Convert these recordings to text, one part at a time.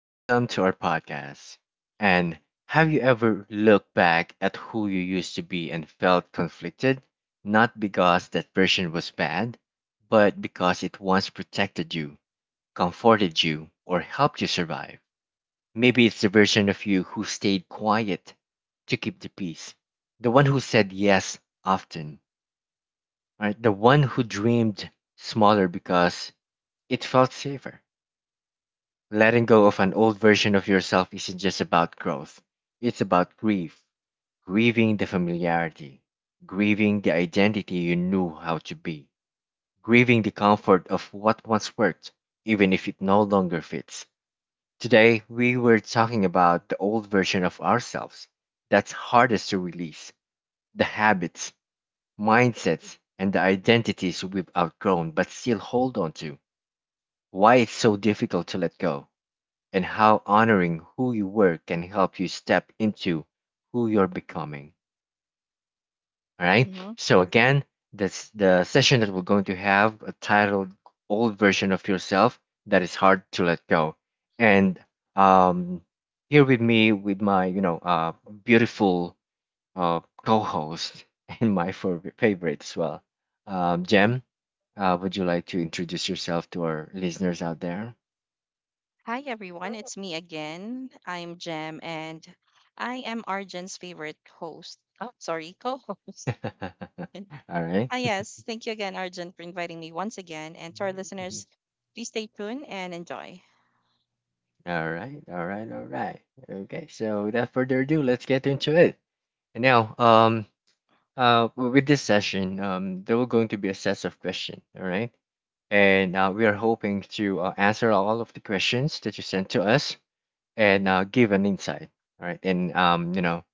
Welcome to our podcast. And have you ever looked back at who you used to be and felt conflicted? Not because that version was bad, but because it once protected you, comforted you, or helped you survive. Maybe it's the version of you who stayed quiet to keep the peace, the one who said yes often, right? The one who dreamed smaller because it felt safer. Letting go of an old version of yourself isn't just about growth, it's about grief, grieving the familiarity, grieving the identity you knew how to be, grieving the comfort of what once worked, even if it no longer fits. Today, we were talking about the old version of ourselves that's hardest to release, the habits, mindsets, and the identities we've outgrown but still hold on to, why it's so difficult to let go and how honoring who you were can help you step into who you're becoming. All right. Mhm. So again, this the session that we're going to have titled "Old Version of Yourself That Is Hard to Let Go," and um, here with me with my beautiful co-host and my favorite as well, Mm. Jem. Would you like to introduce yourself to our listeners out there? Hi, everyone. It's me again. I'm Jem, and I am Arjun's favorite host. Oh, sorry, co host. All right. Yes. Thank you again, Arjun, for inviting me once again. And to our listeners, please stay tuned and enjoy. All right, all right, all right. Okay, so without further ado, let's get into it. And now, with this session, there were going to be a set of questions, all right? And we are hoping to answer all of the questions that you sent to us and give an insight, all right? And um, you know,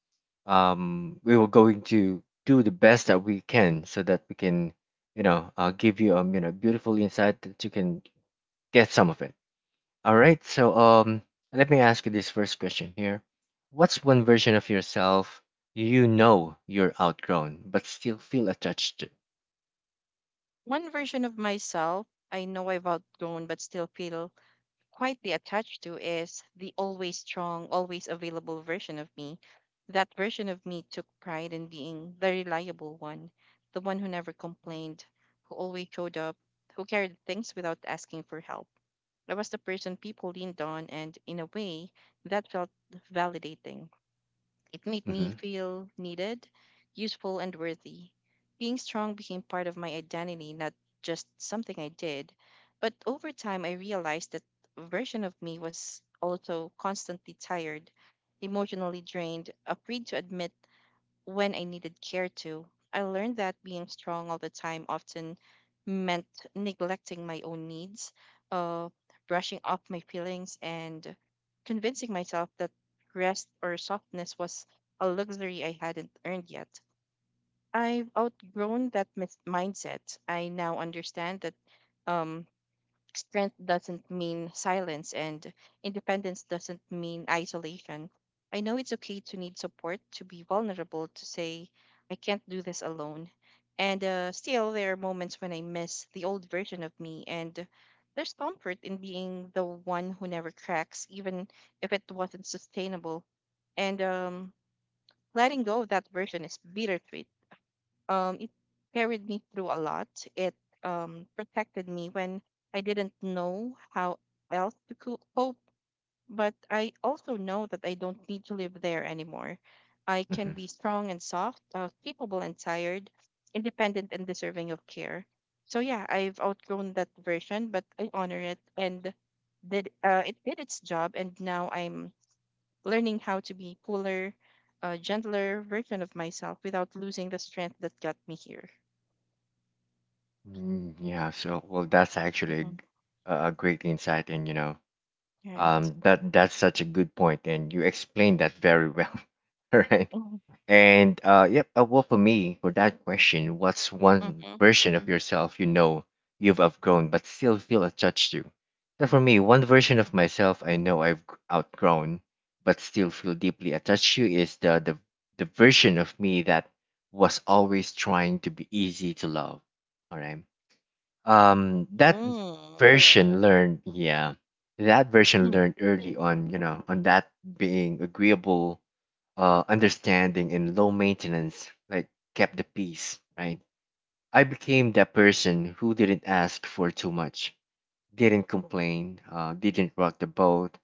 um, We were going to do the best that we can so that we can, give you beautiful insight that you can get some of it. All right. So let me ask you this first question here. What's one version of yourself you know you're outgrown but still feel attached to? One version of myself I know I've outgrown, but still feel quietly attached to is the always strong, always available version of me. That version of me took pride in being the reliable one, the one who never complained, who always showed up, who carried things without asking for help. I was the person people leaned on, and in a way, that felt validating. It made me Mm-hmm. feel needed, useful, and worthy. Being strong became part of my identity, not just something I did. But over time, I realized that a version of me was also constantly tired, emotionally drained, afraid to admit when I needed care too. I learned that being strong all the time often meant neglecting my own needs, uh, brushing off my feelings, and convincing myself that rest or softness was a luxury I hadn't earned yet. I've outgrown that mindset. I now understand that Um, Strength doesn't mean silence, and independence doesn't mean isolation. I know it's okay to need support, to be vulnerable, to say, I can't do this alone. And still, there are moments when I miss the old version of me, and there's comfort in being the one who never cracks, even if it wasn't sustainable. And Letting go of that version is bittersweet. It carried me through a lot. It protected me when I didn't know how else to cope. But I also know that I don't need to live there anymore. I can be strong and soft, capable and tired, independent and deserving of care. So yeah, I've outgrown that version, but I honor it and did it did its job. And now I'm learning how to be cooler, a gentler version of myself without losing the strength that got me here. Mm-hmm. Mm, yeah. So well, that's actually Mhm. A great insight, and you know, Right. That that's such a good point, and you explained that very well. All right. Mhm. And yep. Well, for me, for that question, what's one Mhm. version of yourself you know you've outgrown but still feel attached to? So for me, one version of myself I know I've outgrown but still feel deeply attached to is the version of me that was always trying to be easy to love. All right, that Mm. version learned, yeah, that version Mm. learned early on, you know, on that, being agreeable, understanding and low maintenance, like kept the peace, right? I became that person who didn't ask for too much, didn't complain, didn't rock the boat,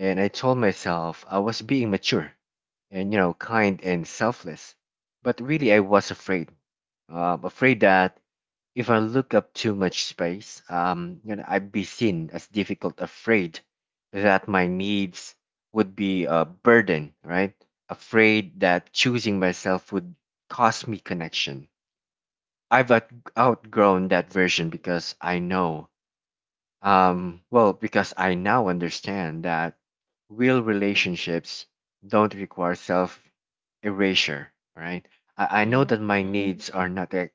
and I told myself I was being mature and, you know, kind and selfless, but really I was afraid, afraid that if I look up too much space, I'd be seen as difficult, afraid that my needs would be a burden, right? Afraid that choosing myself would cost me connection. I've outgrown that version because I know, because I now understand that real relationships don't require self erasure, right? I know that Mhm. my needs are not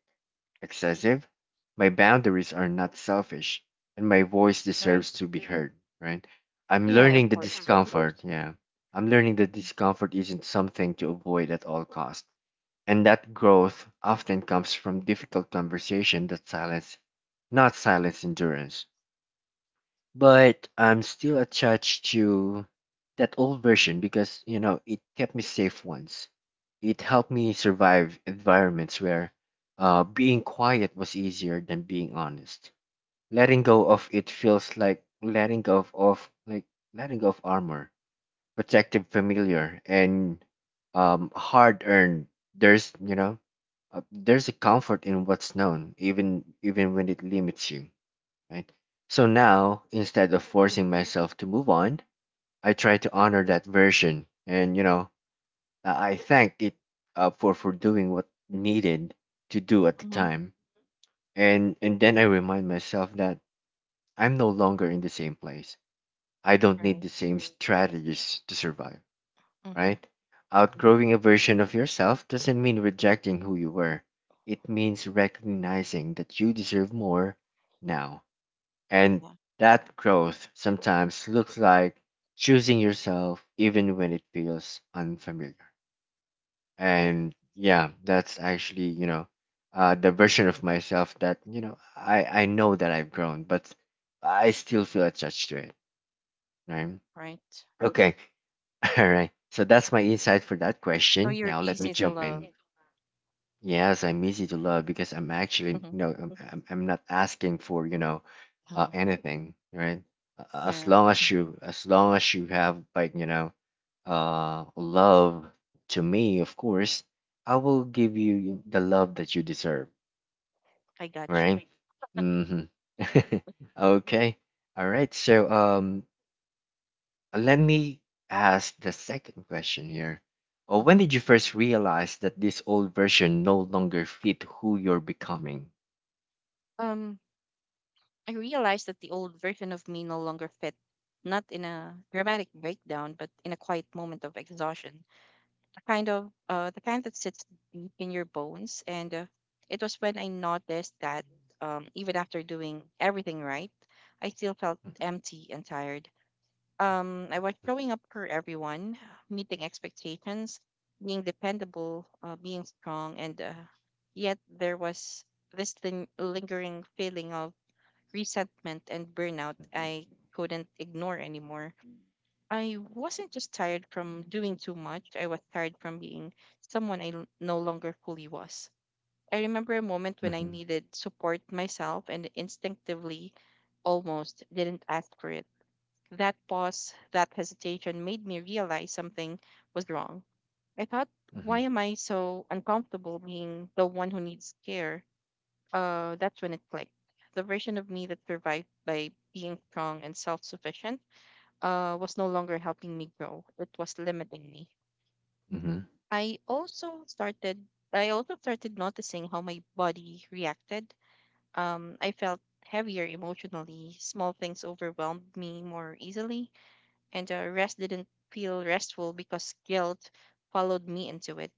excessive. My boundaries are not selfish, and my voice Right. deserves to be heard. Right? I'm Yeah, learning of the Mhm. course. discomfort. Yeah, I'm learning that discomfort isn't something to avoid at all cost, and that growth often comes from difficult conversation that silence, not silence endurance. But I'm still attached to that old version because, you know, it kept me safe once. It helped me survive environments where being quiet was easier than being honest. Letting go of it feels like letting go of armor, protective familiar, and hard earned. There's you know, there's a comfort in what's known, even when it limits you, right? So now, instead of forcing myself to move on, I try to honor that version, and you know, I thank it for doing what needed to do at the Mhm. time, and then I remind myself that I'm no longer in the same place. I don't need the Right. same strategies to survive, Mhm. right? Mhm. Outgrowing a version of yourself doesn't mean rejecting who you were. It means recognizing that you deserve more now. And Yeah. that growth sometimes looks like choosing yourself even when it feels unfamiliar. Yeah. And yeah, that's actually, you know, the version of myself that, you know, I know that I've grown, but I still feel attached to it, right? Right. Okay, all right. So that's my insight for that So question. you're Now let me easy to jump love. in. Yes, I'm easy to love because I'm actually Mhm. no, I'm not asking for, you know, Uh-huh. anything, right? As Yeah, long as you, as long as you have, like, you know, love to me, of course, I will give you the love that you deserve, I got you. right? Mm-hmm. Okay, all right. So let me ask the second question here. When Mhm. did you first realize that this old version no longer fit who you're becoming? Um, I realized that the old version of me no longer fit, not in a dramatic breakdown, but in a quiet moment of exhaustion. Kind of the kind that sits deep in your bones. And it was when I noticed that, even after doing everything right, I still felt empty and tired. I was showing up for everyone, meeting expectations, being dependable, being strong, and yet there was this lingering feeling of resentment and burnout I couldn't ignore anymore. I wasn't just tired from doing too much, I was tired from being someone I no longer fully was. I remember a moment when I Mm-hmm, needed support myself and instinctively almost didn't ask for it. That pause, that hesitation made me realize something was wrong. I thought, mm-hmm, why am I so uncomfortable being the one who needs care? That's when it clicked. The version of me that survived by being strong and self sufficient was no longer helping me grow. It was limiting me. mm-hmm, I also started I also started noticing how my body reacted. I felt heavier emotionally. Small things overwhelmed me more easily, and rest didn't feel restful because guilt followed me into it.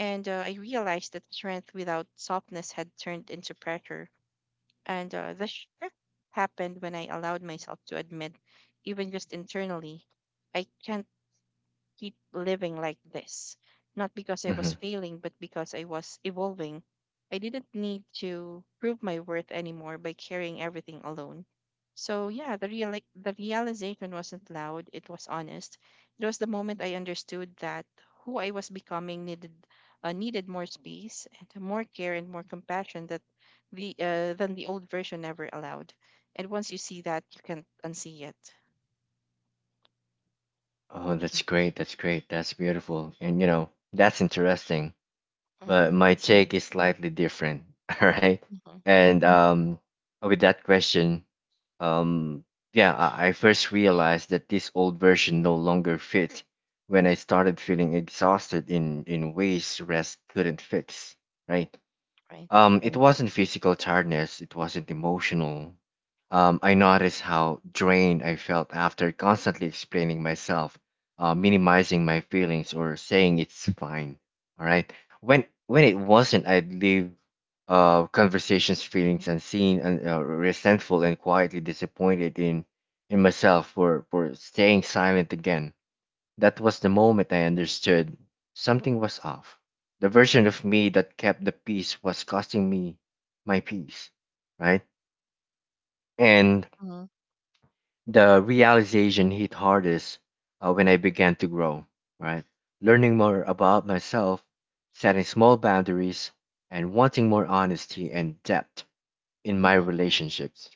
And I realized that strength without softness had turned into pressure. And the shift happened when I allowed myself to admit, even just internally, I can't keep living like this. Not because I mm-hmm. was failing, but because I was evolving. I didn't need to prove my worth anymore by carrying everything alone. So yeah, the realization wasn't loud, it was honest. It was the moment I understood that who I was becoming needed, more space and more care and more compassion that the than the old version ever allowed. And once you see that, you can't unsee it. Oh, that's great. That's great. That's beautiful. And you know, that's interesting. But Mm-hmm. my Yeah. take is slightly different. All right. Mm-hmm. And with that question, Um, yeah, I first realized that this old version no longer fit when I started feeling exhausted in ways rest couldn't fix, right? Right. It wasn't physical tiredness, it wasn't emotional. I noticed how drained I felt after constantly explaining myself, minimizing my feelings, or saying it's fine. All right. When it wasn't, I'd leave conversations, feelings unseen, and resentful and quietly disappointed in myself for staying silent again. That was the moment I understood something was off. The version of me that kept the peace was costing me my peace, right? And the realization hit hardest when I began to grow, right? Learning more about myself, setting small boundaries, and wanting more honesty and depth in my Mhm, relationships.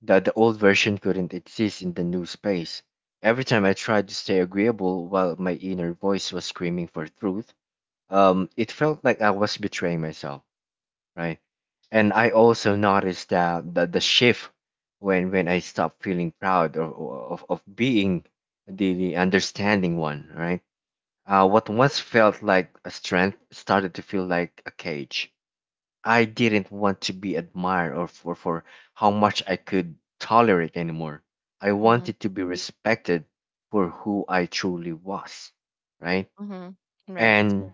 That the old version couldn't exist in the new space. Every time I tried to stay agreeable while my inner voice was screaming for truth, it felt like I was betraying myself, right? And I also noticed that the shift when I stopped feeling proud of of being the understanding one, right? What once felt like a strength started to feel like a cage. I didn't want to be admired or for how much I could tolerate anymore. I mhm, wanted to be respected for who I truly was, right? mhm. Right. And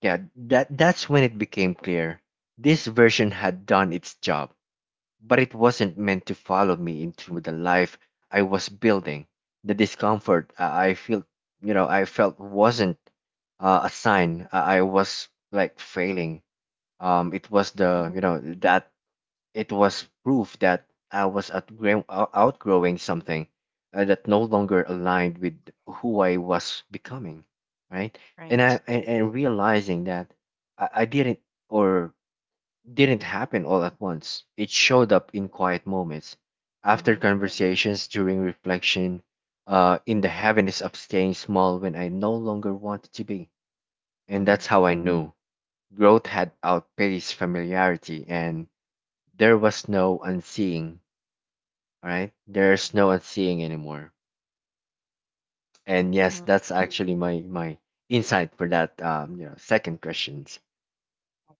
yeah, that that's when it became clear. This version had done its job, but it wasn't meant to follow me into the life I was building. The discomfort I felt, you know, I felt wasn't a sign I was like failing. It was the, Mhm. you know, that it was proof that I was outgrowing something that no longer aligned with who I was becoming, right? Right. And realizing that, I didn't or didn't happen all at once. It showed up in quiet moments, after Mhm, conversations, during reflection, in the heaviness of staying small when I no longer wanted to be. And mhm, that's how I knew growth had outpaced familiarity and there was no unseeing, all right? There's no unseeing anymore. And yes, mhm. that's actually my insight for that second questions.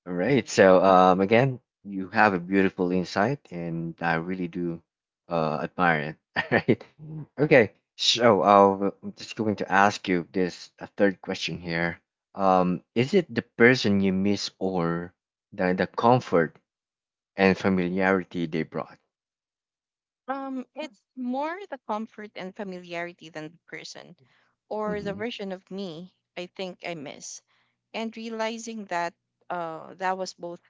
All Okay. right. So again, you have a beautiful insight and I really do admire it. All right. Mm. Okay. So I'm just going to ask you this a third question here. Is it the person you miss or the comfort and familiarity they brought? It's more the comfort and familiarity than the person or the Mm-hmm. version of me I think I miss. And realizing that that was both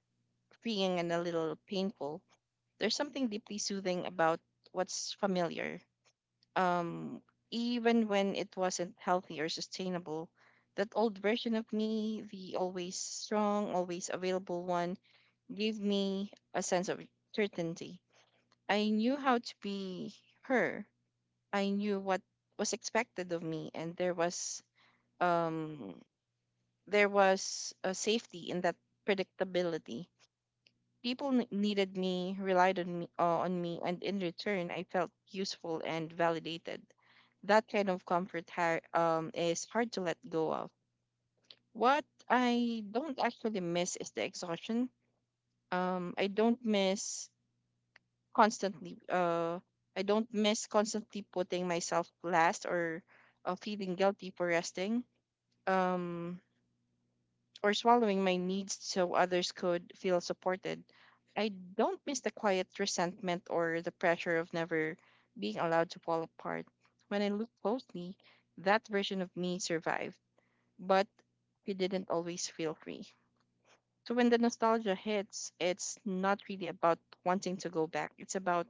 freeing and a little painful. There's something deeply soothing about what's familiar, um, even when it wasn't healthy or sustainable. That old version of me, the always strong, always available one, gave me a sense of certainty. I knew how to be her. I knew what was expected of me, and um, there was a safety in that predictability. People needed me, relied on me, and in return, I felt useful and validated. That kind of comfort is hard to let go of. What I don't actually miss is the exhaustion. Um, I don't miss constantly. Uh, I don't miss constantly putting myself last or feeling guilty for resting, Um, or swallowing my needs so others could feel supported. I don't miss the quiet resentment or the pressure of never being allowed to fall apart. When I look closely, that version of me survived but we didn't always feel free. So when the nostalgia hits, it's not really about wanting to go back. It's about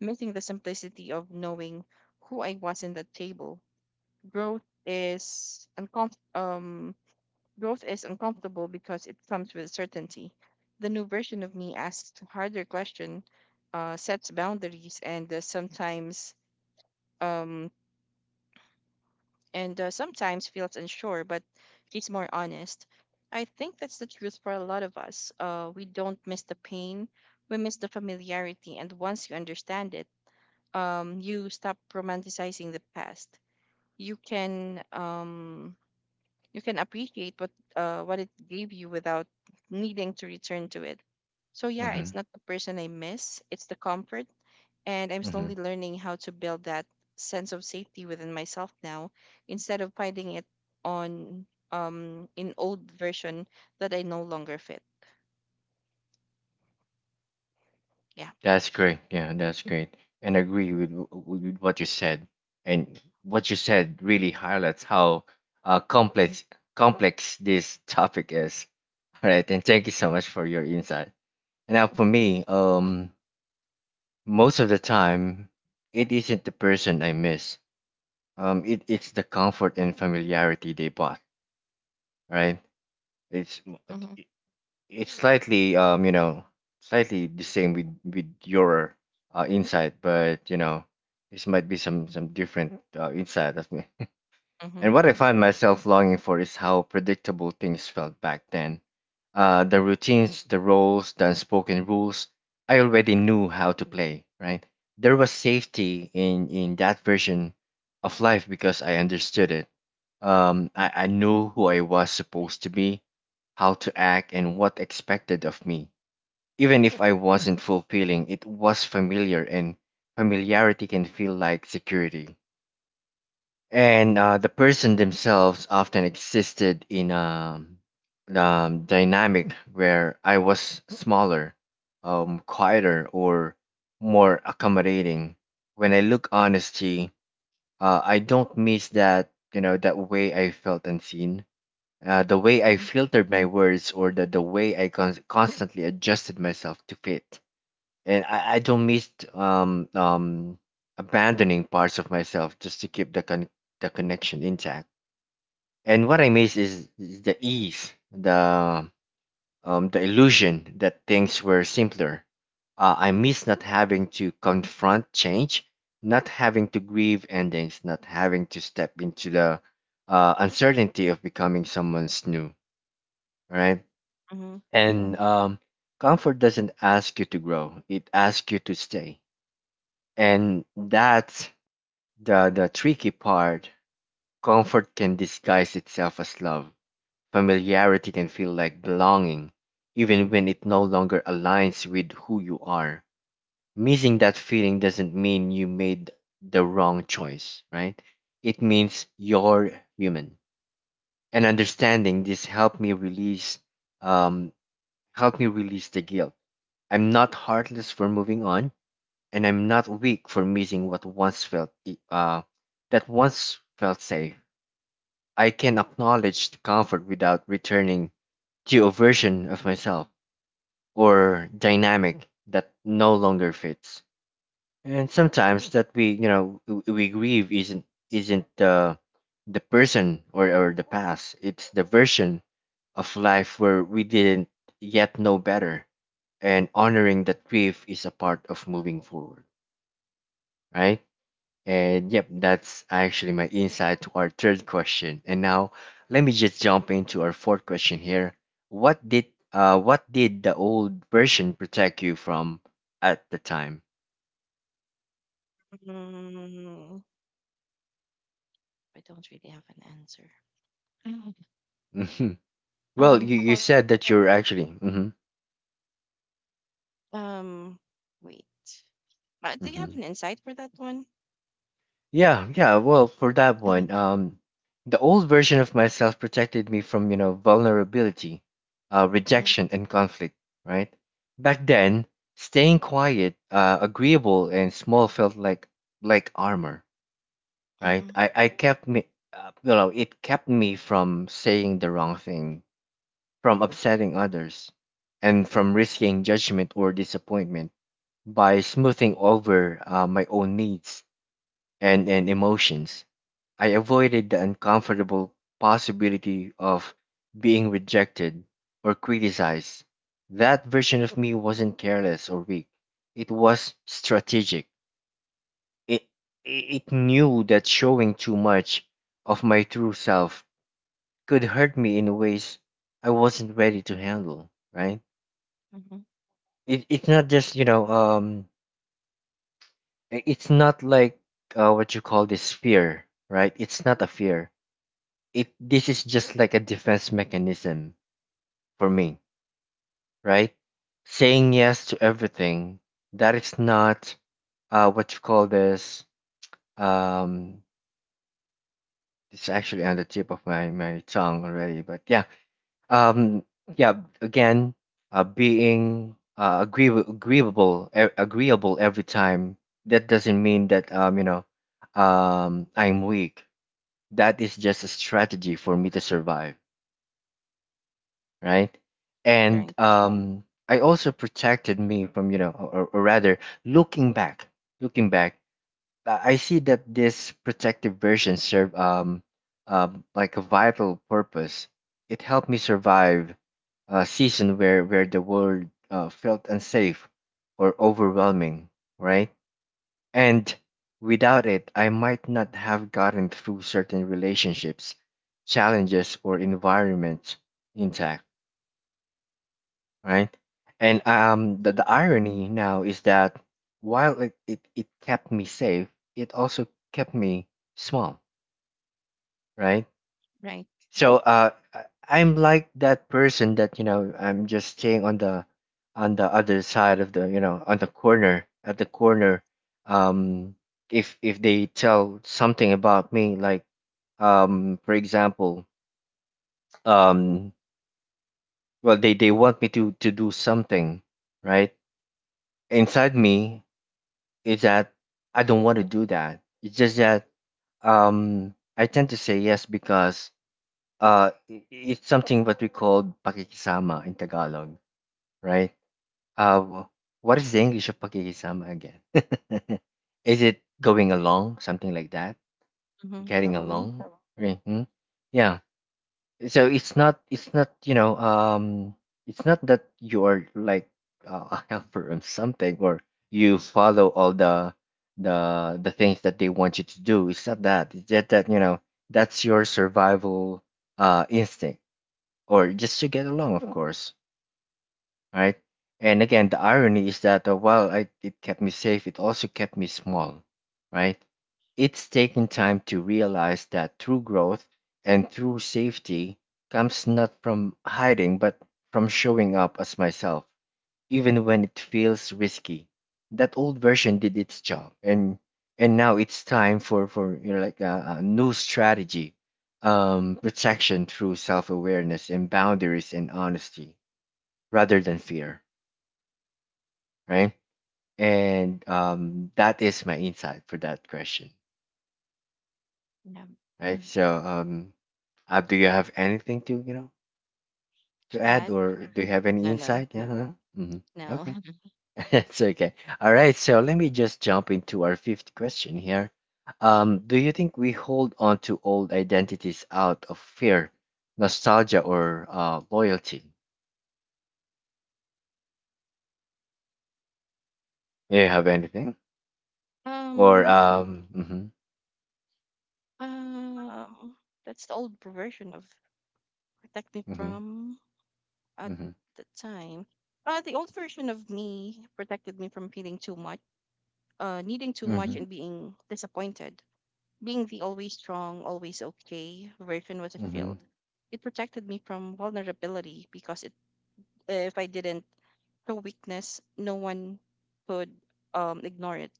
missing the simplicity of knowing who I was in that table. Growth is uncom- um growth is uncomfortable because it comes with certainty. The new version of me asks harder question, sets boundaries, um, and sometimes feels unsure, but she's more honest. I think that's the truth for a lot of us. We don't miss the pain, we miss the familiarity, and once you understand it, you stop romanticizing the past. You can um, you can appreciate what it gave you without needing to return to it. So yeah, Mm-hmm. it's not the person I miss; it's the comfort, and I'm Mm-hmm. slowly learning how to build that sense of safety within myself now instead of finding it on in old version that I no longer fit. Yeah. That's great. Yeah, that's great. And I agree with, with what you said. And what you said really highlights how uh, complex complex this topic is. All right, and thank you so much for your insight. And now for me, most of the time, it isn't the person I miss. It's the comfort and familiarity they brought. Right? It's Mm-hmm. it's slightly slightly the same with your insight, but you know this might be some different insight of me, Mm-hmm. and what I find myself longing for is how predictable things felt back then. The routines, the roles, the unspoken rules, I already knew how to play, right? There was safety in that version of life because I understood it. I knew who I was supposed to be, how to act, and what expected of me. Even if I wasn't fulfilling, it was familiar, and familiarity can feel like security, and the person themselves often existed in a, dynamic where I was smaller, quieter, or more accommodating. When I look honesty, I don't miss that you know that way I felt unseen. The way I Mm-hmm. filtered my words, or the way I constantly adjusted myself to fit. And I don't miss abandoning parts of myself just to keep the connection intact. And what I miss is the ease, the illusion that things were simpler. I miss not having to confront change, not having to grieve endings, not having to step into the uncertainty of becoming someone's new. Right? Mm-hmm. And Comfort doesn't ask you to grow; it asks you to stay. And that's the tricky part. Comfort can disguise itself as love. Familiarity can feel like belonging, even when it no longer aligns with who you are. Missing that feeling doesn't mean you made the wrong choice, right? It means you're human. And understanding this um helped me release the guilt. I'm not heartless for moving on. And I'm not weak for missing what once felt e- that once felt safe. I can acknowledge the comfort without returning to a version of myself or dynamic that no longer fits. And sometimes that we, you know, w- we grieve isn't the person or the past. It's the version of life where we didn't yet know better. And honoring that grief is a part of moving forward, right? And yep, that's actually my insight to our third question. And now let me just jump into our fourth question here. What did what did the old version protect you from at the time? Mm. I don't really have an answer. Mhm. Well, you, How you about said that you're actually mm-hmm. um, wait. Do you Mm-hmm. have an insight for that one? Yeah, yeah. Well, for that one, the old version of myself protected me from, you know, vulnerability, Mm-hmm. rejection, and conflict, right? Back then, staying quiet, agreeable, and small felt like armor, Mm-hmm. right? I kept me, you know, it kept me from saying the wrong thing, from upsetting others, and from risking judgment or disappointment by smoothing over, my own needs and emotions. I avoided the uncomfortable possibility of being rejected or criticized. That version of me wasn't careless or weak. It was strategic. It, it knew that showing too much of my true self could hurt me in ways I wasn't ready to handle, right? Mm-hmm. It's not just, you know, I- it's not like what you call this fear, right? It's not a fear. This is just like a defense mechanism for me, right? Saying yes to everything that is not what you call this. um it's actually on the tip of my tongue already, but yeah. um yeah, again, being agreeable every time, that doesn't mean that I'm weak. That is just a strategy for me to survive, right? Right. And I also protected me from, or rather, looking back, looking back, I see that this protective version served, like a vital purpose. It helped me survive a season where the world, felt unsafe or overwhelming, right? And without it, I might not have gotten through certain relationships, challenges, or environments intact, right? And um, the, Mm-hmm. the irony now is that while it kept me safe, it also kept me small, right? Right. So, I'm like that person that, you know, I'm just staying on the other side of the, on the corner. Um, if they tell something about me, like, for example, um, well, they want me to do something, right? Inside me, it's that I don't want to do that. It's just that um I tend to say yes because it's something what we call pakikisama in Tagalog, right? Uh wh- what is the English of pakikisama again? Is it going along, something like that? Mm-hmm. Getting Probably. along? Okay. Hmm? Yeah, so it's not it's not that you're like, a helper on something, or you follow all the things that they want you to do. It's not that. It's just that, you know, that's your survival, instinct, or just to get along, of course, right? And again, the irony is that, it kept me safe, it also kept me small, right? It's taken time to realize that true growth and true safety comes not from hiding, but from showing up as myself, even when it feels risky. That old version did its job, and now it's time for, you know, like a new strategy, protection through self awareness and boundaries and honesty rather than fear, right? And That is my insight for that question, Yeah. right? So, Ab, do you have anything to you know To to add, add? or do you have any No, no, insight? Yeah. Huh? Mhm. no. Okay, that's okay. All right. So let me just jump into our fifth question here. Do you think we hold on to old identities out of fear, nostalgia, or loyalty? Do you have anything? Or um. Mm-hmm. Um, that's the old version of protect me Mm-hmm. from at Hmm. the time. The old version of me protected me from feeling too much, needing too much Hmm. and being disappointed. Being the always strong, always okay version was a field. It protected me from vulnerability because if I didn't show weakness, no one could ignore it,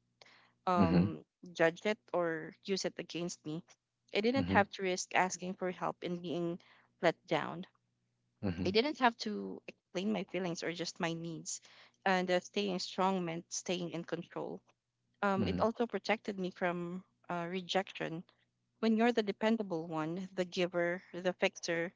Hmm. um, judge it or use it against me. I didn't Hmm. have to risk asking for help and being let down. I Hmm. didn't have to explain my feelings or just my needs. And staying strong meant staying in control. It Mhm. also protected me from rejection. When you're the dependable one, the giver, the fixer,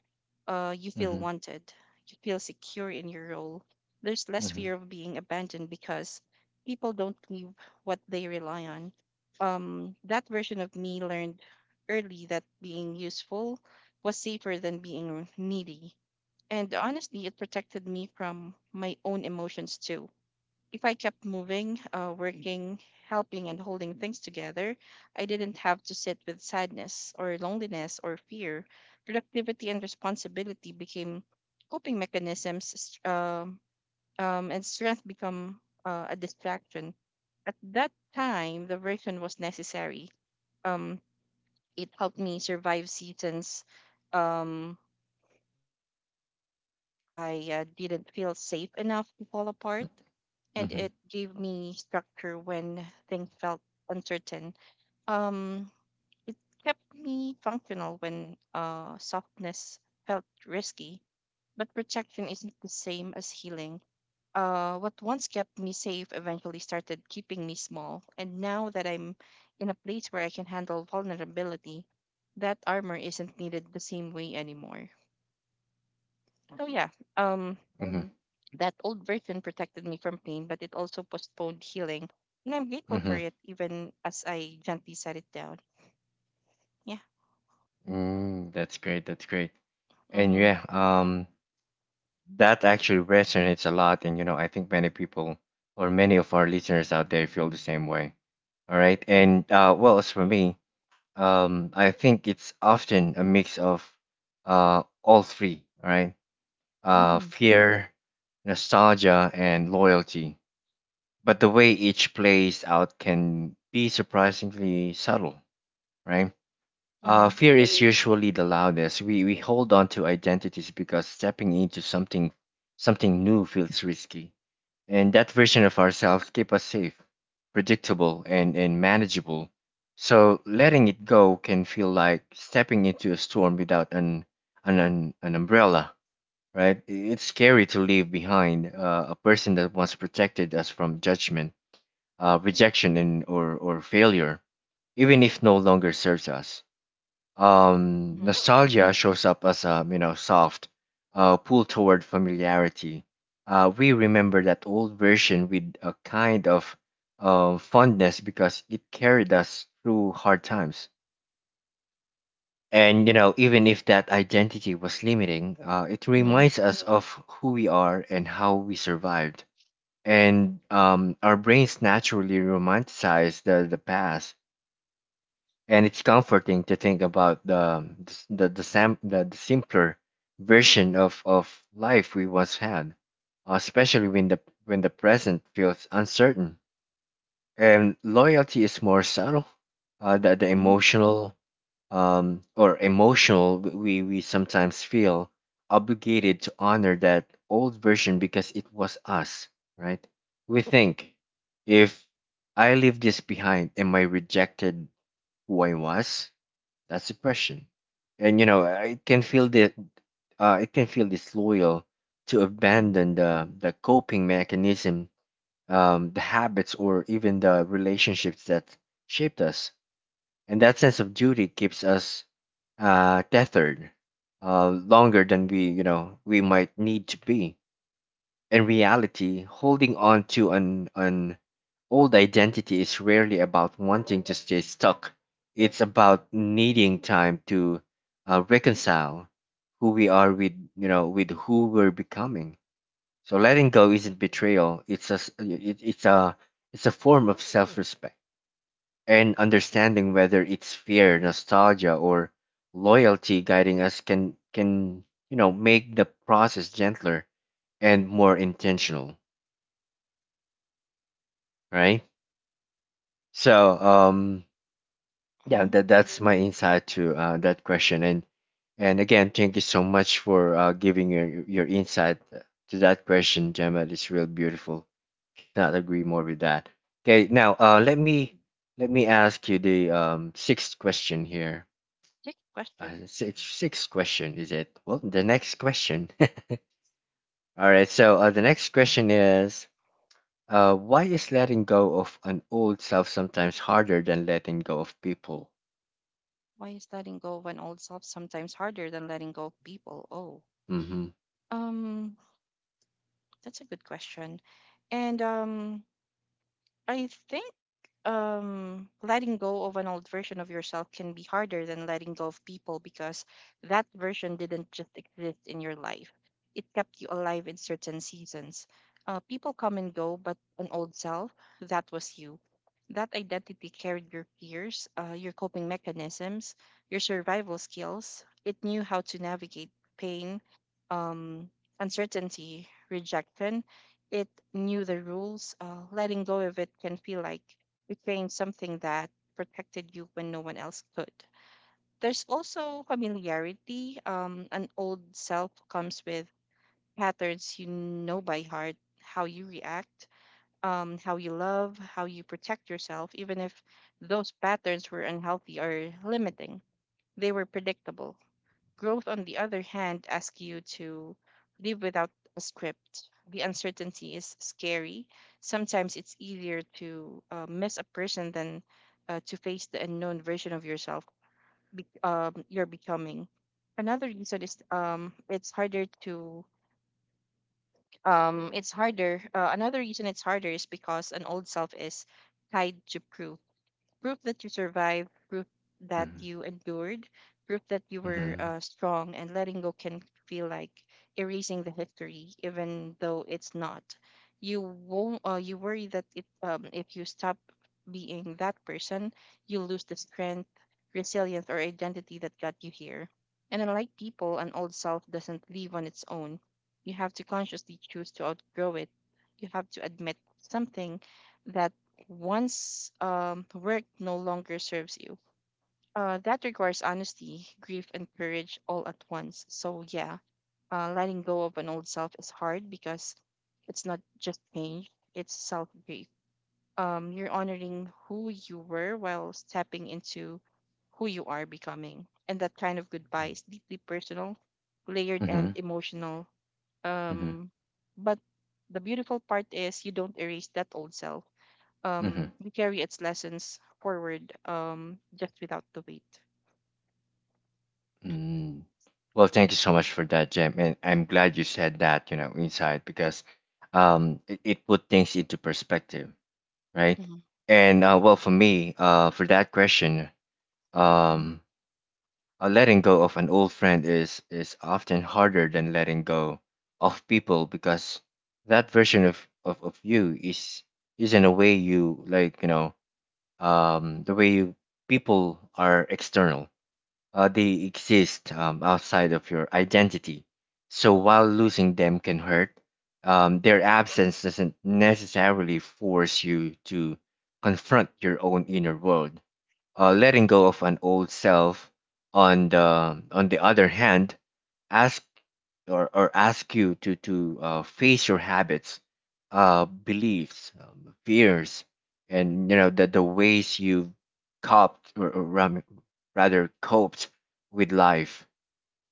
you feel Mhm. wanted. You feel secure in your role. There's less Mhm. fear of being abandoned because people don't leave what they rely on. That version of me learned early that being useful was safer than being needy. And honestly, it protected me from my own emotions too. If I kept moving, working, helping, and holding things together, I didn't have to sit with sadness or loneliness or fear. Productivity and responsibility became coping mechanisms, and strength become a distraction. At that time, the version was necessary. Um, it helped me survive seasons um, uh, where I didn't feel safe enough to fall Mm. apart, and Mhm. it gave me structure when things felt uncertain. Um, it kept me functional when softness felt risky, but protection isn't the same as healing. What once kept me safe eventually started keeping me small, and now that I'm in a place where I can handle vulnerability, that armor isn't needed the same way anymore. So yeah, um, Mhm. That old version protected me from pain, but it also postponed healing. And I'm Hmm. grateful for Mhm. it, even as I gently set it down. Yeah. Mm. That's great. That's great. And Mm-hmm. yeah, that actually resonates a lot. And I think many people or many of our listeners out there feel the same way. All right. Right. And well, as for me, I think it's often a mix of all three. All right. Mm-hmm. Fear, nostalgia, and loyalty. But the way each plays out can be surprisingly subtle, right? Mm-hmm. Fear is usually the loudest. We hold on to identities because stepping into something new feels risky, and that version of ourselves keep us safe, predictable, and manageable. So letting it go can feel like stepping into a storm without an umbrella, right? It's scary to leave behind, a person that once protected us from judgment, rejection, and or failure, even if no longer serves us. Mm-hmm. Nostalgia shows up as a soft, pull toward familiarity. We remember that old version with a kind of, fondness because it carried us through hard times. And even if that identity was limiting, it Mm-hmm. reminds us of who we are and how we survived. And our brains naturally romanticize the past, and it's comforting to think about the simpler version of life we once had, especially when the present feels uncertain. And loyalty is more subtle. The Mm-hmm. emotional, or emotional we sometimes feel obligated to honor that old version because it was us, right? We think, if I leave this behind, am I rejected who I was? That's depression, and you know, I can feel the it can feel disloyal to abandon the coping mechanism, the habits, or even the relationships that shaped us. And that sense of duty keeps us, tethered, longer than we you know we might need to be. In reality, holding on to an old identity is rarely about wanting to stay stuck. It's about needing time to, reconcile who we are with who we're becoming. So letting go isn't betrayal. It's a, s- it, it's a form of self-respect, and understanding whether it's fear, nostalgia, or loyalty guiding us can, make the process gentler and more intentional, right? So, yeah, Mm-hmm. that's my insight to, that question. And again, thank you so much for, giving your insight to that question, Gemma. It's real beautiful. Not agree more with that. Okay, now, Yeah. let me ask you the, sixth question here. Big question. Sixth question, is it? Well, the next question. All right. So, the next question is, why is letting go of an old self sometimes harder than letting go of people? Why is letting go of an old self sometimes harder than letting go of people? Oh, Mm-hmm. um, that's a good question. And I think letting go of an old version of yourself can be harder than letting go of people because that version didn't just exist in your life. It kept you alive in certain seasons. People come and go, but an old self, that was you. That identity carried your fears, your coping mechanisms, your survival skills. It knew how to navigate pain, um, uncertainty, rejection. It knew the rules. Letting go of it can feel like betraying something that protected you when no one else could. There's also familiarity. An old self comes with patterns you know by heart: how you react, how you love, how you protect yourself, even if those patterns were unhealthy or limiting. They were predictable. Growth, on the other hand, asks you to live without a script. The uncertainty is scary. Sometimes it's easier to miss a person than to face the unknown version of yourself you're becoming. Another reason is it's harder to it's harder. Another reason it's harder is because an old self is tied to proof, proof that you survived, proof that Mhm. you endured, proof that you were Mhm. Strong, and letting go can feel like erasing the history, even though it's not. You won't. You worry that if you stop being that person, you lose the strength, resilience, or identity that got you here. And unlike people, an old self doesn't leave on its own. You have to consciously choose to outgrow it. You have to admit something that once work no longer serves you. That requires honesty, grief, and courage all at once. So, yeah, letting go of an old self is hard because it's not just change, it's self grief. You're honoring who you were while stepping into who you are becoming. And that kind of goodbye is deeply personal, layered, and Mhm. emotional. Mhm. Um, but the beautiful part is you don't erase that old self. Mhm. We carry its lessons forward, just without the weight. Mm. Well, thank you so much for that, Jem, and I'm glad you said that, you know, inside because, it put things into perspective, right? Mm-hmm. And well, for me, for that question, Mm-hmm. um, letting go of an old friend is often harder than letting go of people because that version of you is in a way you, like, you know. um, the way you, People are external. They exist, outside of your identity. So while losing them can hurt, their absence doesn't necessarily force you to confront your own inner world. Letting go of an old self, on the other hand, ask or ask you to face your habits, beliefs, fears, and the ways you coped or ram- rather coped with life.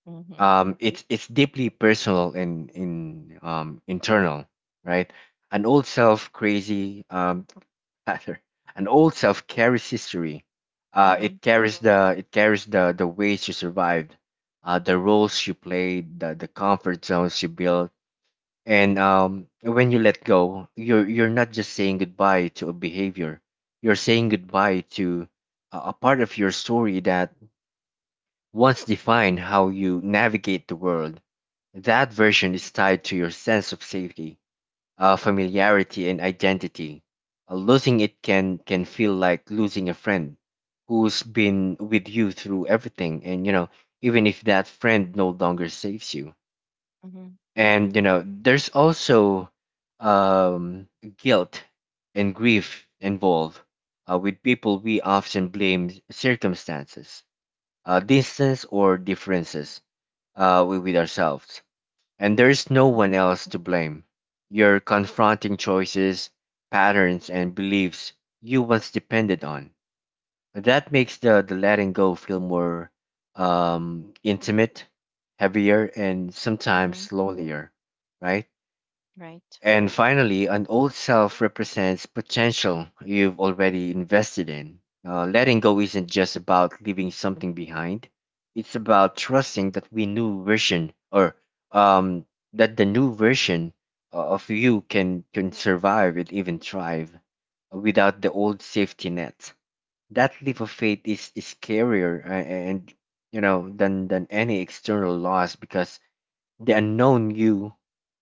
Mm-hmm. It's deeply personal and in internal, right? An old self crazy um rather an old self carries history. It carries the the ways you survived, the roles you played, the comfort zones you built, and when you let go, you're not just saying goodbye to a behavior. You're saying goodbye to a part of your story that once defined how you navigate the world. That version is tied to your sense of safety, familiarity, and identity. Losing it can feel like losing a friend who's been with you through everything, and even if that friend no longer saves you. Mm-hmm. And there's also um, guilt and grief involved with people. We often blame circumstances, distance, or differences with ourselves, and there's no one Mm-hmm. else to blame. You're confronting choices, patterns, and beliefs you once depended on. That makes the letting go feel more intimate, heavier, and Mm-hmm. sometimes lonelier, right? Right. And finally, an old self represents potential you've already invested in. Letting go isn't just about leaving something behind; it's about trusting that we new version or um, that the new version of you can survive and even thrive without the old safety net. That leap of faith is scarier a- and than any external loss, because the unknown you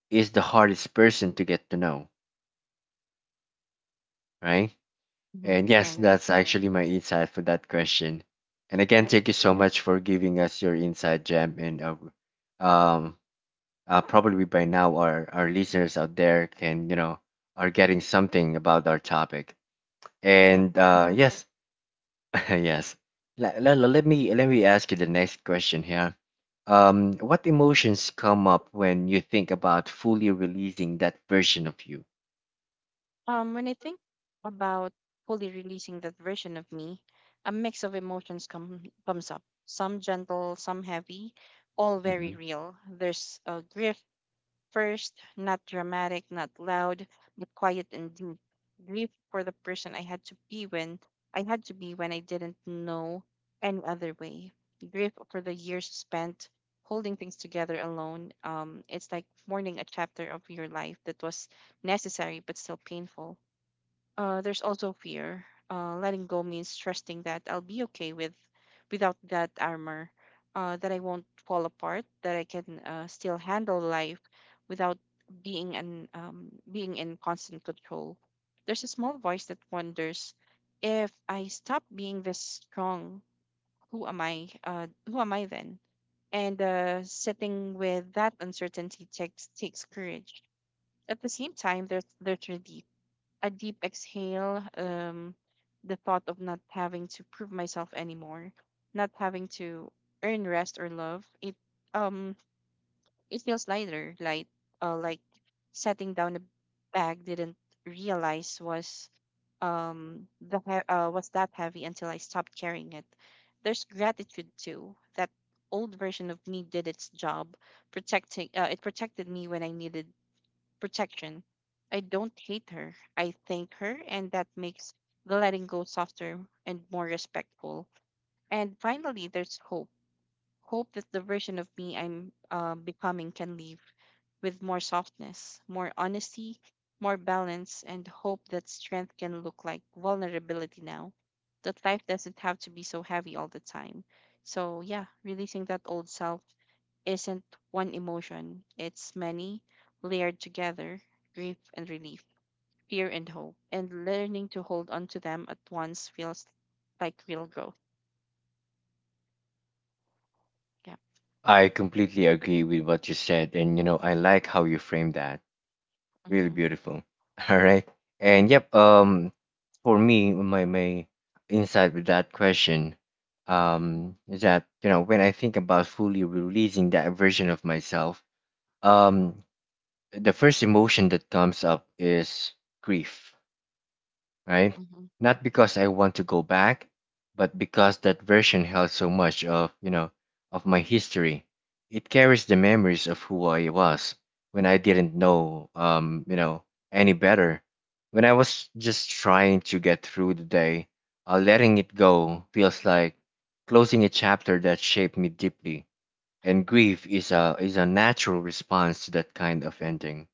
is the hardest person to get to know, right? Mm-hmm. And yes, Right. that's actually my insight for that question. And again, Yep. thank you so much for giving us your insight, Jam. And um, probably by now, our listeners out there can are getting something about our topic. Yeah. And yes, yes. Let me ask you the next question here. What emotions come up when you think about fully releasing that version of you? When I think about fully releasing that version of me, a mix of emotions comes up. Some gentle, some heavy, all very Mm-hmm. real. There's a grief, first, not dramatic, not loud, but quiet and deep. Grief for the person I had to be when I didn't know any other way. Grief for the years spent holding things together alone. It's like mourning a chapter of your life that was necessary but still painful. There's also fear. Letting go means trusting that I'll be okay without that armor, that I won't fall apart, that I can still handle life without being an being in constant control. There's a small voice that wonders, if I stop being this strong, who am I? Who am I then? And sitting with that uncertainty takes courage. At the same time, there's relief, a deep exhale. The thought of not having to prove myself anymore, not having to earn rest or love. Um it feels lighter, like setting down a bag didn't realize was was that heavy until I stopped carrying it. There's gratitude too. That old version of me did its job, protecting it protected me when I needed protection. I don't hate her. I thank her, and that makes the letting go softer and more respectful. And finally, there's hope. Hope that the version of me I'm becoming can live with more softness, more honesty, more balance, and hope that strength can look like vulnerability now, that life doesn't have to be so heavy all the time. So, yeah, releasing that old self isn't one emotion, it's many layered together: grief and relief, fear and hope. And learning to hold on to them at once feels like real growth. Yeah. I completely agree with what you said, and you know, I like how you framed that. Really Mm-hmm, beautiful. All right. And yep, for me, my insight with that question mm-hmm, is that, you know, when I think about fully releasing that version of myself, um the first emotion that comes up is grief, right? mm-hmm, Not because I want to go back, but because that version held so much of, you know, of my history. It carries the memories of who I was when I didn't know, you know, any better. When I was just trying to get through the day, letting it go feels like closing a chapter that shaped me deeply. And grief is a natural response to that kind of ending.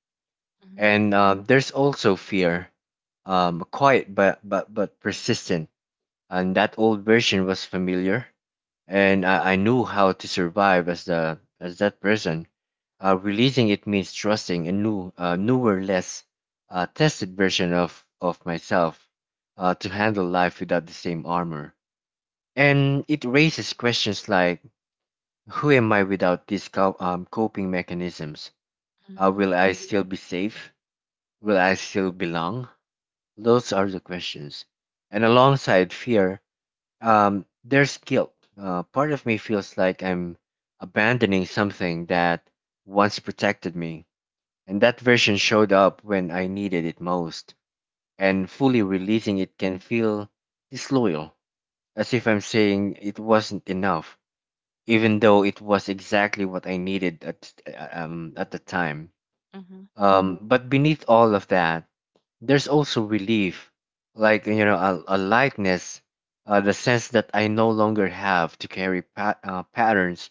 mm-hmm, And there's also fear, quiet but persistent. And that old version was familiar, and I knew how to survive as the as that person. Releasing it means trusting a new, newer, less tested version of myself to handle life without the same armor. And it raises questions like, who am I without these coping mechanisms? mm-hmm, mm-hmm, Will I still be safe? Will I still belong? Those are the questions. And alongside fear, there's guilt. Part of me feels like I'm abandoning something that once protected me. And that version showed up when I needed it most. And fully releasing it can feel disloyal, as if I'm saying it wasn't enough, even though it was exactly what I needed at the time. mm-hmm, But beneath all of that, there's also relief, like a lightness, the sense that I no longer have to carry patterns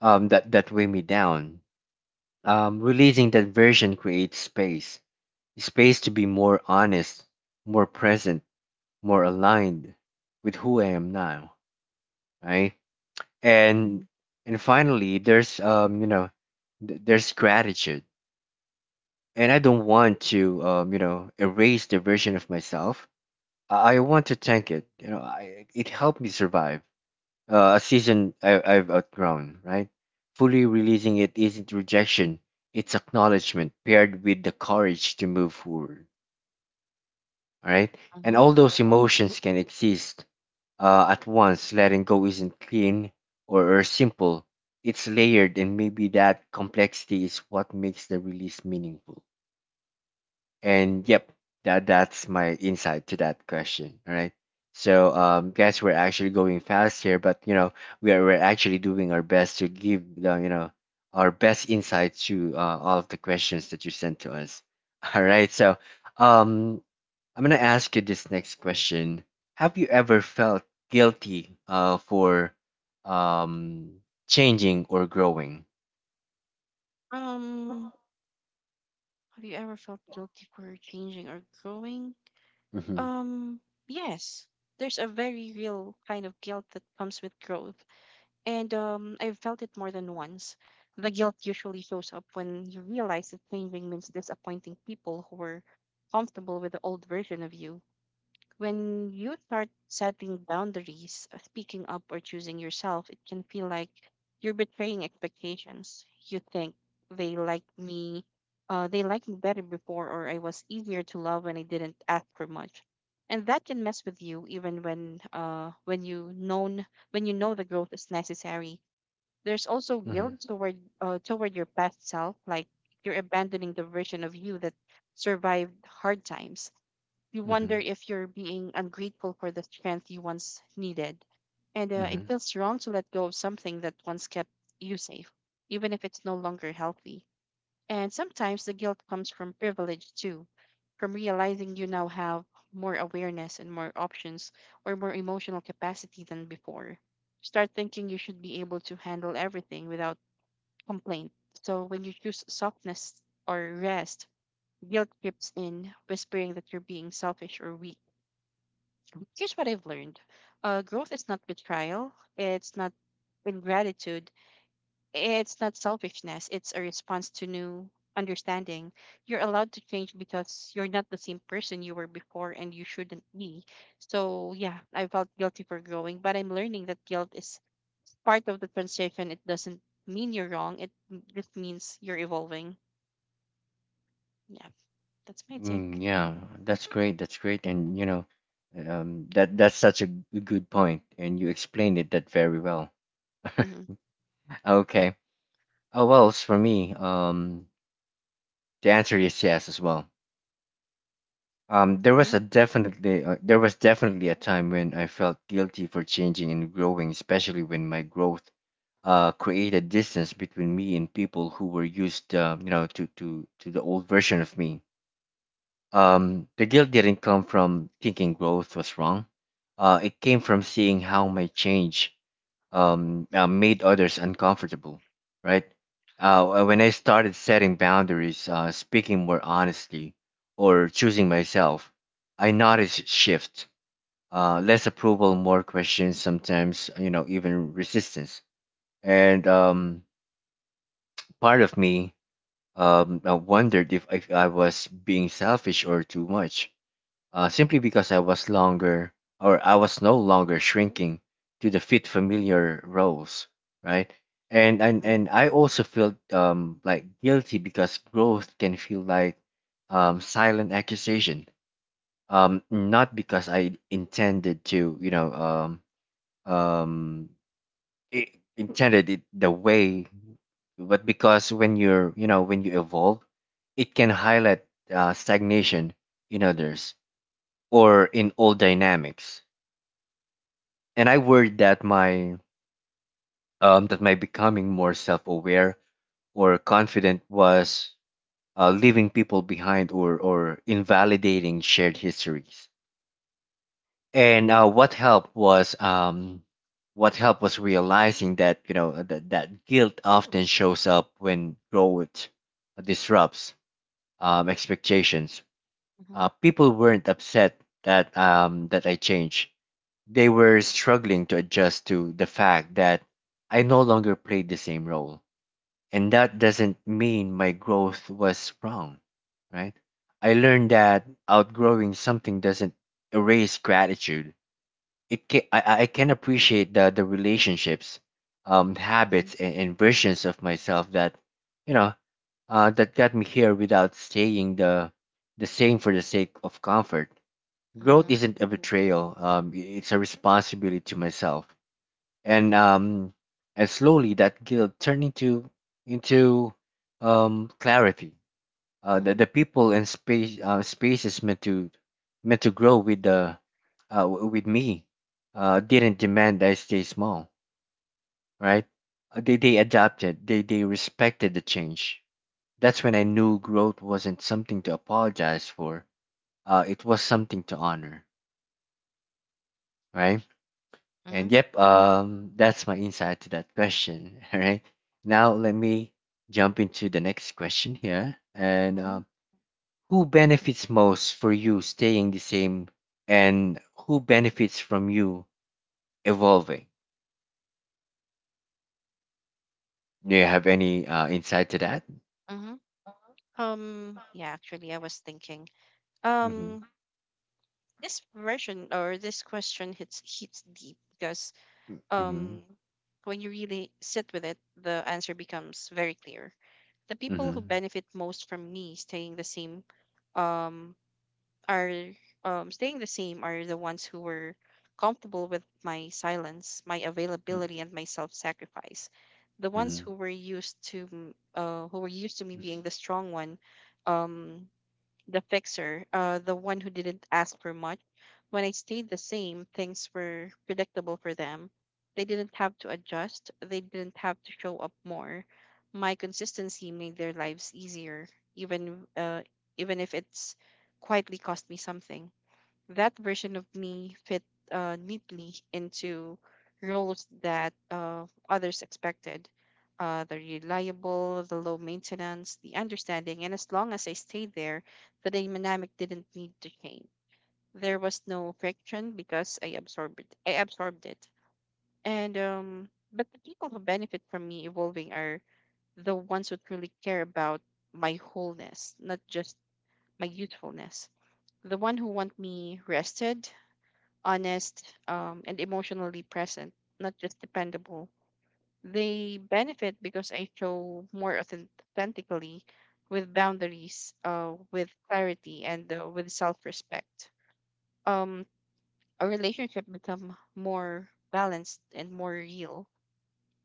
that, that weigh me down. Releasing that version creates space, space to be more honest, more present, more aligned with who I am now, right? And mm-hmm, finally there's there's gratitude, and I don't want to erase the version of myself. I want to thank it. You know, I, it helped me survive a season I, I've outgrown. Right, fully releasing it isn't rejection; it's acknowledgement paired with the courage to move forward. All right, and mm-hmm. all those emotions can exist at once. Letting go isn't clean or simple; it's layered, and maybe that complexity is what makes the release meaningful. And yep, that that's my insight to that question. All right. So guys, we're actually going fast here, but you know, we are we're actually doing our best to give the you know our best insight to all of the questions that you sent to us. All right. So um I'm gonna ask you this next question. Have you ever felt guilty for um changing or growing? Um, have you ever felt guilty for changing or growing? Mm-hmm. Um, yes. There's a very real kind of guilt that comes with growth. And I've felt it more than once. The guilt usually shows up when you realize that changing means disappointing people who were comfortable with the old version of you. When you start setting boundaries, speaking up, or choosing yourself, it can feel like you're betraying expectations. You think they like me, they liked me better before, or I was easier to love when I didn't ask for much, and that can mess with you even when you know the growth is necessary. There's also guilt Mm-hmm. toward toward your past self, like you're abandoning the version of you that survived hard times. You Mm-hmm. wonder if you're being ungrateful for the strength you once needed. And it Mm-hmm. feels wrong to let go of something that once kept you safe, even if it's no longer healthy. And sometimes the guilt comes from privilege too, from realizing you now have more awareness and more options, or more emotional capacity than before. Start thinking you should be able to handle everything without complaint. So when you choose softness or rest, guilt creeps in, whispering that you're being selfish or weak. Mm, here's what I've learned. Growth is not betrayal. It's not ingratitude. It's not selfishness. It's a response to new understanding. You're allowed to change because you're not the same person you were before, and you shouldn't be. So, yeah, I felt guilty for growing, but I'm learning that guilt is part of the transition. It doesn't mean you're wrong, just means you're evolving. Yeah, that's my take. Mm, yeah, that's great. That's great, and you know, that that's such a good point, and you explained it that very well. Mm-hmm. Okay. Oh well, as for me, the answer is yes as well. Mm-hmm. There was definitely a time when I felt guilty for changing and growing, especially when my growth created distance between me and people who were used you know, to the old version of me. The guilt didn't come from thinking growth was wrong. It came from seeing how my change made others uncomfortable, right? When I started setting boundaries, speaking more honestly, or choosing myself, I noticed shift. Less approval, more questions, sometimes, you know, even resistance. And part of me wondered if I was being selfish or too much, simply because I was no longer shrinking to the fit familiar roles, right? And I also felt like guilty because growth can feel like silent accusation. Not because I intended to, you know, um I intended it the way, but because when you're, you know, when you evolve, it can highlight stagnation in others or in old dynamics. And I worried that Mm-hmm. my becoming more self-aware or confident was leaving people behind or invalidating shared histories. And what helped was realizing that you know that, that guilt often shows up when growth disrupts expectations. Mm-hmm. People weren't upset that that I changed. They were struggling to adjust to the fact that I no longer played the same role. And that doesn't mean my growth was wrong, right? I learned that outgrowing something doesn't erase gratitude. It can, I can appreciate the relationships, Mm-hmm. habits, and versions of myself that, you know, that got me here without staying the same for the sake of comfort. Growth Mm-hmm. isn't a betrayal. It's a responsibility to myself, and slowly that guilt turned into into clarity. The people and space spaces meant to grow with the with me didn't demand I stay small, right? They adapted. They respected the change. That's when I knew growth wasn't something to apologize for. It was something to honor, right? Mm-hmm. And yep, that's my insight to that question. All right. Now let me jump into the next question here. And Mm-hmm. Who benefits most for you staying the same, and who benefits from you evolving? Do you have any insight to that? Yeah, actually, I was thinking. Mm-hmm. Um, this version or this question hits deep because Mm-hmm. um, when you really sit with it, the answer becomes very clear. The people who Mm-hmm. benefit most from me staying the same, um, are staying the same are the ones who were comfortable with my silence, my availability, and my self-sacrifice. The ones Mm-hmm. who were used to me being the strong one, um, the fixer, the one who didn't ask for much. When I stayed the same, things were predictable for them. They didn't have to adjust, they didn't have to show up more. My consistency made their lives easier, even uh, even if it's quietly cost me something. That version of me fit neatly into roles that others expected, the reliable, the low maintenance, the understanding, and as long as I stayed there, the dynamic didn't need to change. There was no friction because I absorbed it. And but the people who benefit from me evolving are the ones who truly care about my wholeness, not just my youthfulness. The one who want me rested, honest, and emotionally present, not just dependable. They benefit because I show more authentically with boundaries, with clarity, and with self respect. Um, a relationship become more balanced and more real.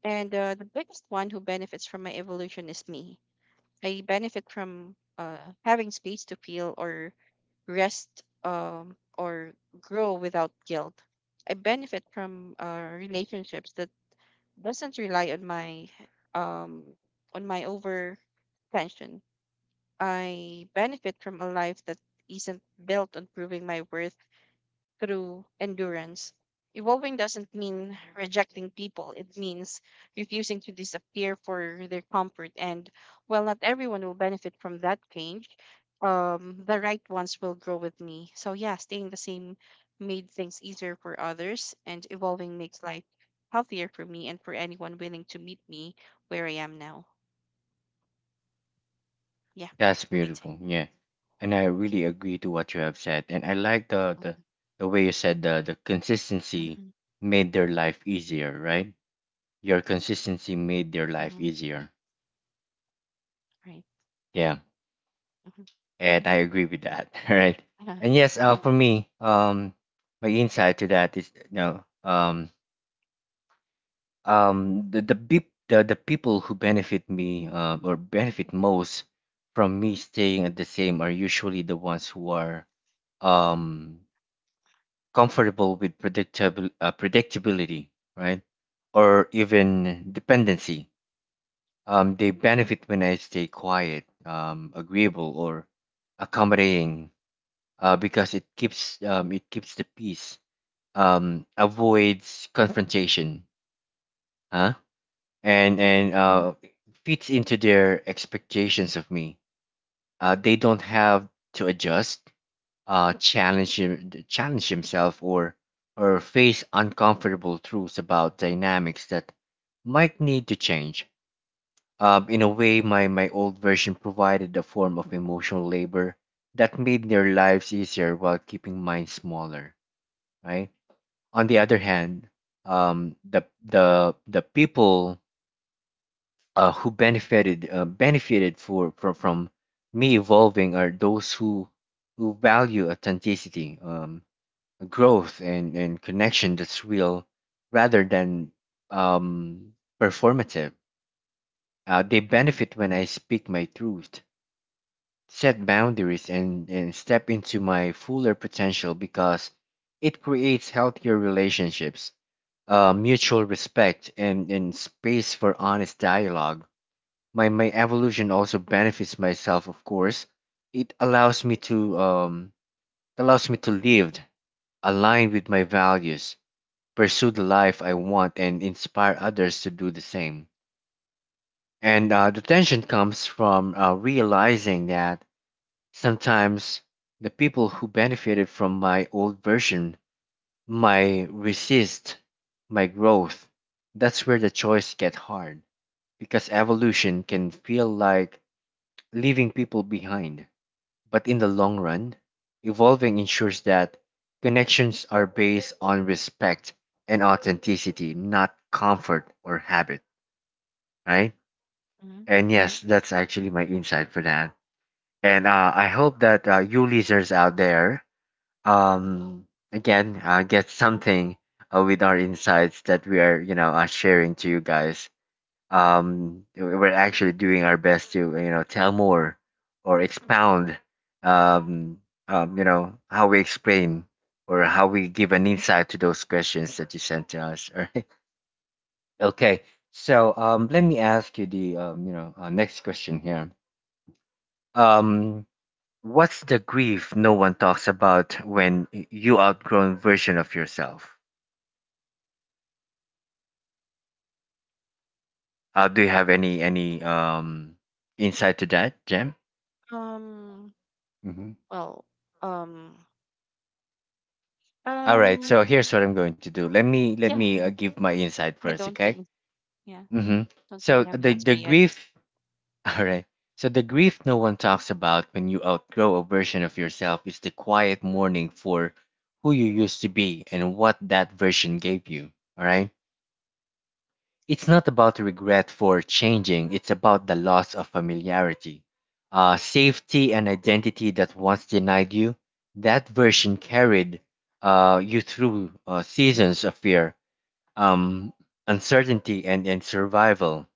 And the biggest one who benefits from my evolution is me. I benefit from having space to feel or rest, or grow without guilt. I benefit from relationships that doesn't rely um, on my over tension. I benefit from a life that isn't built on proving my worth through endurance. Evolving doesn't mean rejecting people, it means refusing to disappear for their comfort. And while not everyone will benefit from that change, the right ones will grow with me. So, yeah, staying the same made things easier for others, and evolving makes life healthier for me and for anyone willing to meet me where I am now. Yeah, That's that's my take. beautiful. Yeah. And I really agree to what you have said. And I like the way you said the consistency Mm-hmm. made their life easier, right? Your consistency made their life Mm-hmm. easier. Right. Yeah. Mm-hmm. And I agree with that. Right. Uh, And yes, for me, my insight to that is you know, the the people who benefit most from me staying at the same are usually the ones who are um comfortable with predictable predictability, right? Or even dependency. They benefit when I stay quiet, agreeable, or accommodating, because it keeps the peace, avoids confrontation, huh? And fits into their expectations of me. They don't have to adjust, challenge him, challenge himself or face uncomfortable truths about dynamics that might need to change. In a way, my old version provided a form of emotional labor that made their lives easier while keeping mine smaller. Right. On the other hand, the people who benefited benefited for from me evolving are those who value authenticity. Growth and connection that's real rather than um, performative. They benefit when I speak my truth, set boundaries, and step into my fuller potential because it creates healthier relationships, mutual respect, and space for honest dialogue. My evolution also benefits myself, of course. It allows me to live aligned with my values, pursue the life I want, and inspire others to do the same. And the tension comes from realizing that sometimes the people who benefited from my old version might resist my growth. That's where the choice gets hard because evolution can feel like leaving people behind. But in the long run, evolving ensures that connections are based on respect and authenticity, not comfort or habit, right? mm-hmm. And yes, that's actually my insight for that. And I hope that you listeners out there, again, get something with our insights that we are, sharing to you guys. We're actually doing our best to tell more or expound um, how we explain or how we give an insight to those questions that you sent to us. All right. Okay. So let me ask you the next question here. um, what's the grief no one talks about when you outgrown version of yourself? Do you have any insight to that, Jam? Um, Well, um, All right, um, so here's what I'm going to do. Let me let yeah, me give my insight I first, don't okay? really, yeah, Mm-hmm. don't So really have an the answer the yet. grief. All right. So the grief no one talks about when you outgrow a version of yourself is the quiet mourning for who you used to be and what that version gave you. All right. It's not about regret for changing. It's about the loss of familiarity, safety, and identity that once denied you. That version carried you through seasons of fear, um, uncertainty, and survival.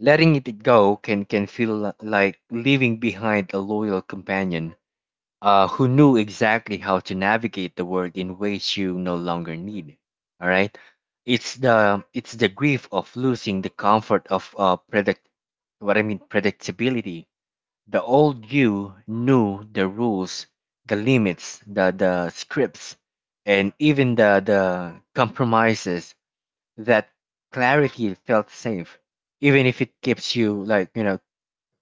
Letting it go can feel like leaving behind a loyal companion who knew exactly how to navigate the world in ways you no longer need. All right, it's the grief of losing the comfort of predict what I mean predictability. The old you knew the rules, the limits, the scripts, and even the compromises. That clarity felt safe, even if it keeps you,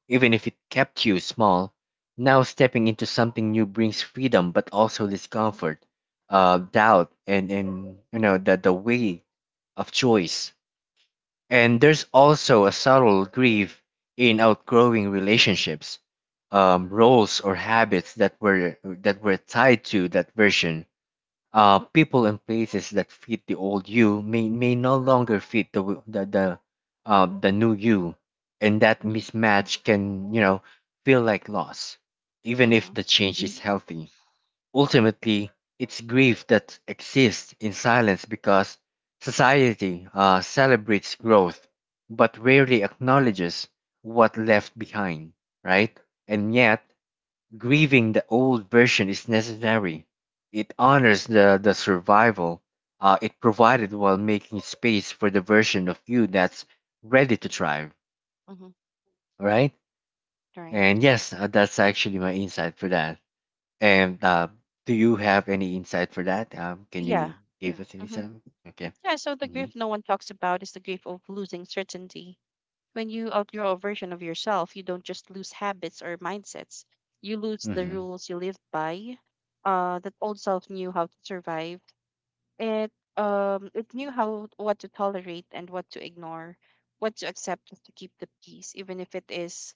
even if it kept you small. Now stepping into something new brings freedom, but also discomfort, doubt, and the weight of choice. And there's also a subtle grief in outgrowing relationships, roles or habits that were tied to that version. People and places that fit the old you may no longer fit the w- the new you, and that Mm-hmm, mismatch can, feel like loss, even if mm-hmm, the change is healthy. Ultimately, it's grief that exists in silence because society celebrates growth but rarely acknowledges what left behind, right? And yet, grieving the old version is necessary. It honors the survival it provided while making space for the version of you that's ready to thrive. mm-hmm, All right? right. And yes, that's actually my insight for that. And do you have any insight for that? Can Yeah. you give us any Mm-hmm. some? Okay. Yeah. So the Hmm. grief no one talks about is the grief of losing certainty. When you outgrow a version of yourself, you don't just lose habits or mindsets. You lose the Hmm. rules you lived by. That old self knew how to survive. It it knew how what to tolerate and what to ignore, what to accept, what to keep the peace, even if it is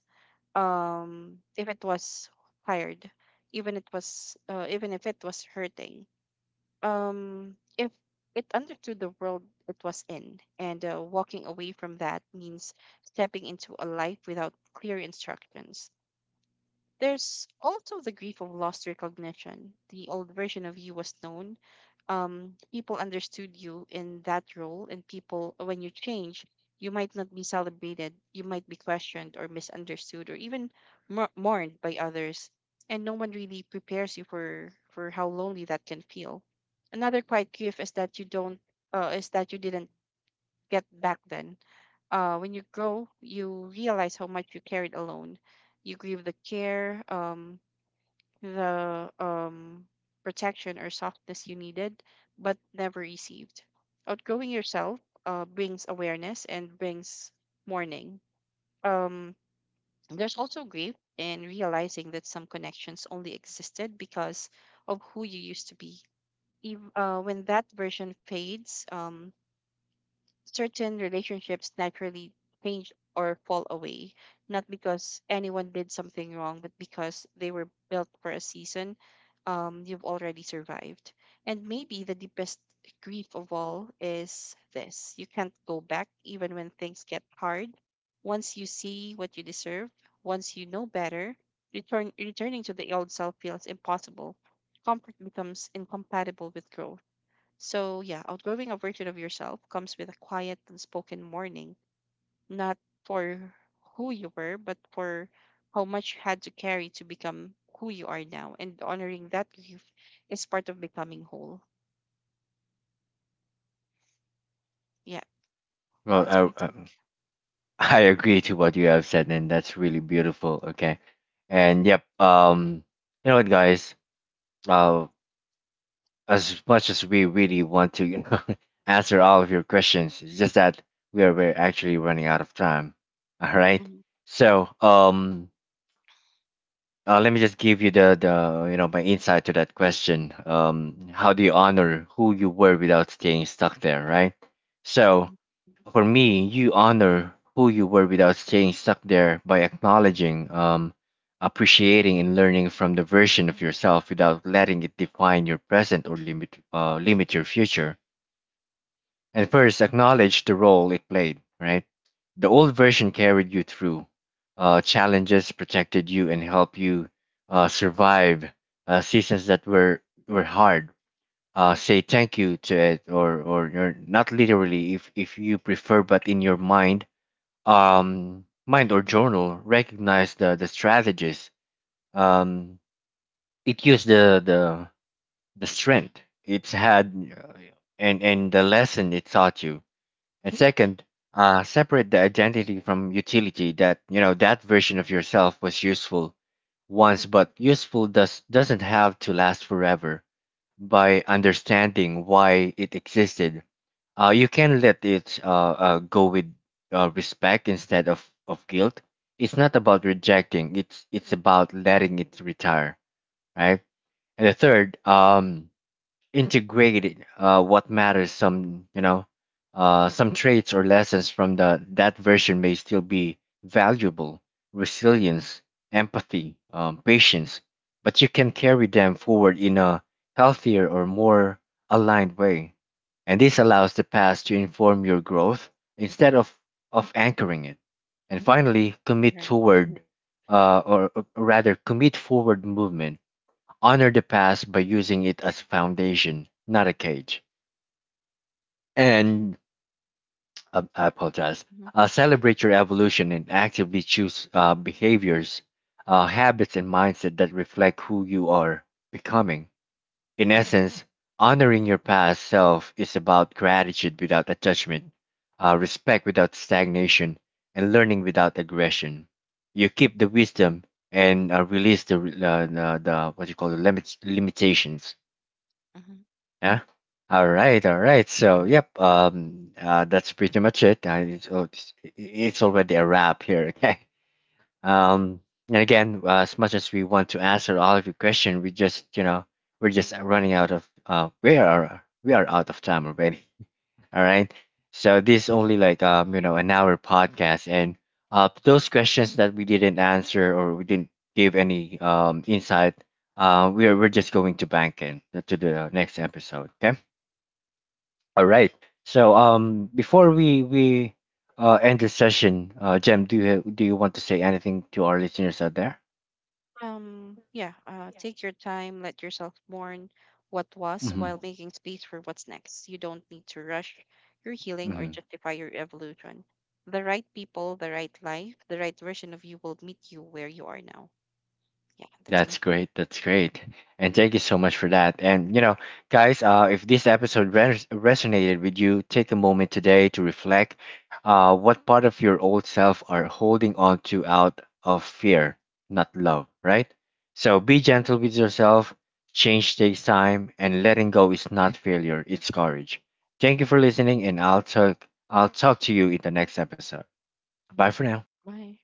if it was tired, even it was even if it was hurting. If It understood the world it was in, and walking away from that means stepping into a life without clear instructions. There's also the grief of lost recognition. The old version of you was known. People understood you in that role, and when you change, you might not be celebrated. You might be questioned or misunderstood, or even mourned by others. And no one really prepares you for how lonely that can feel. Another quiet grief is that you didn't get back then. When you grow, you realize how much you carried alone. You grieve the care, the protection or softness you needed but never received. Outgrowing yourself brings awareness and brings mourning. Um, there's also grief and realizing that some connections only existed because of who you used to be. Ev- when that version fades, certain relationships naturally change or fall away, not because anyone did something wrong, but because they were built for a season you've already survived. And maybe the deepest grief of all is this: you can't go back even when things get hard. Once you see what you deserve, once you know better, returning to the old self feels impossible. Comfort becomes incompatible with growth. So, yeah, outgrowing a version of yourself comes with a quiet, unspoken mourning, not for who you were, but for how much you had to carry to become who you are now. And honoring that grief is part of becoming whole. Yeah, that's Well, my I, take. I agree to what you have said, and that's really beautiful. Okay. And yep. You know what, guys? Uh, as much as we really want to, you know, answer all of your questions. It's just that we're actually running out of time. All right. Hmm. So, let me just give you the my insight to that question. How do you honor who you were without staying stuck there, right? So, for me, you honor who you were without staying stuck there by acknowledging, appreciating, and learning from the version of yourself without letting it define your present or limit your future. And first, acknowledge the role it played. Right, the old version carried you through challenges, protected you, and helped you survive seasons that were, hard. Say thank you to it, or you're not literally if you prefer, but in your mind, or journal, recognized the strategies. Um, it used the strength it's had, and the lesson it taught you. And second, separate the identity from utility. That, you know, that version of yourself was useful once, but useful doesn't have to last forever. By understanding why it existed, you can let it go with respect instead of guilt. It's not about rejecting. It's about letting it retire, right? And the third, integrate what matters. Some, you know, some traits or lessons from the that version may still be valuable: resilience, empathy, patience. But you can carry them forward in a healthier or more aligned way, and this allows the past to inform your growth instead of anchoring it. And finally, commit Right. toward, or rather, commit forward movement. Honor the past by using it as foundation, not a cage. And I apologize. Hmm. Celebrate your evolution and actively choose behaviors, habits, and mindset that reflect who you are becoming. In essence, honoring your past self is about gratitude without attachment, respect without stagnation, and learning without aggression. You keep the wisdom and release the, the what you call the limits, limitations. Hmm. Yeah. All right. All Right. right. So, yep. That's pretty much it. I, it's, oh, it's already a wrap here. Okay. Um. And again, as much as we want to answer all of your question, we just, you know, we are, we are out of time already. All right. So this is only like, um, you know, an hour podcast, and those questions that we didn't answer or we didn't give any, um, insight, we're just going to bank in to the next episode. Okay. All right. So, um, before we end the session, uh, Jem, do you do you want to say anything to our listeners out there? Yeah, take your time, let yourself mourn what was Mm-hmm. while making space for what's next. You don't need to rush your healing or justify your evolution. The right people, the right life, the right version of you will meet you where you are now. Yeah, that's my That's take. great. That's great. And thank you so much for that. And, you know, guys, if this episode resonated with you, take a moment today to reflect, what part of your old self are holding on to out of fear, not love, right? So be gentle with yourself. Change takes time, and letting go is not failure, it's courage. Thank you for listening, and I'll talk to you in the next episode. Bye for now. Bye.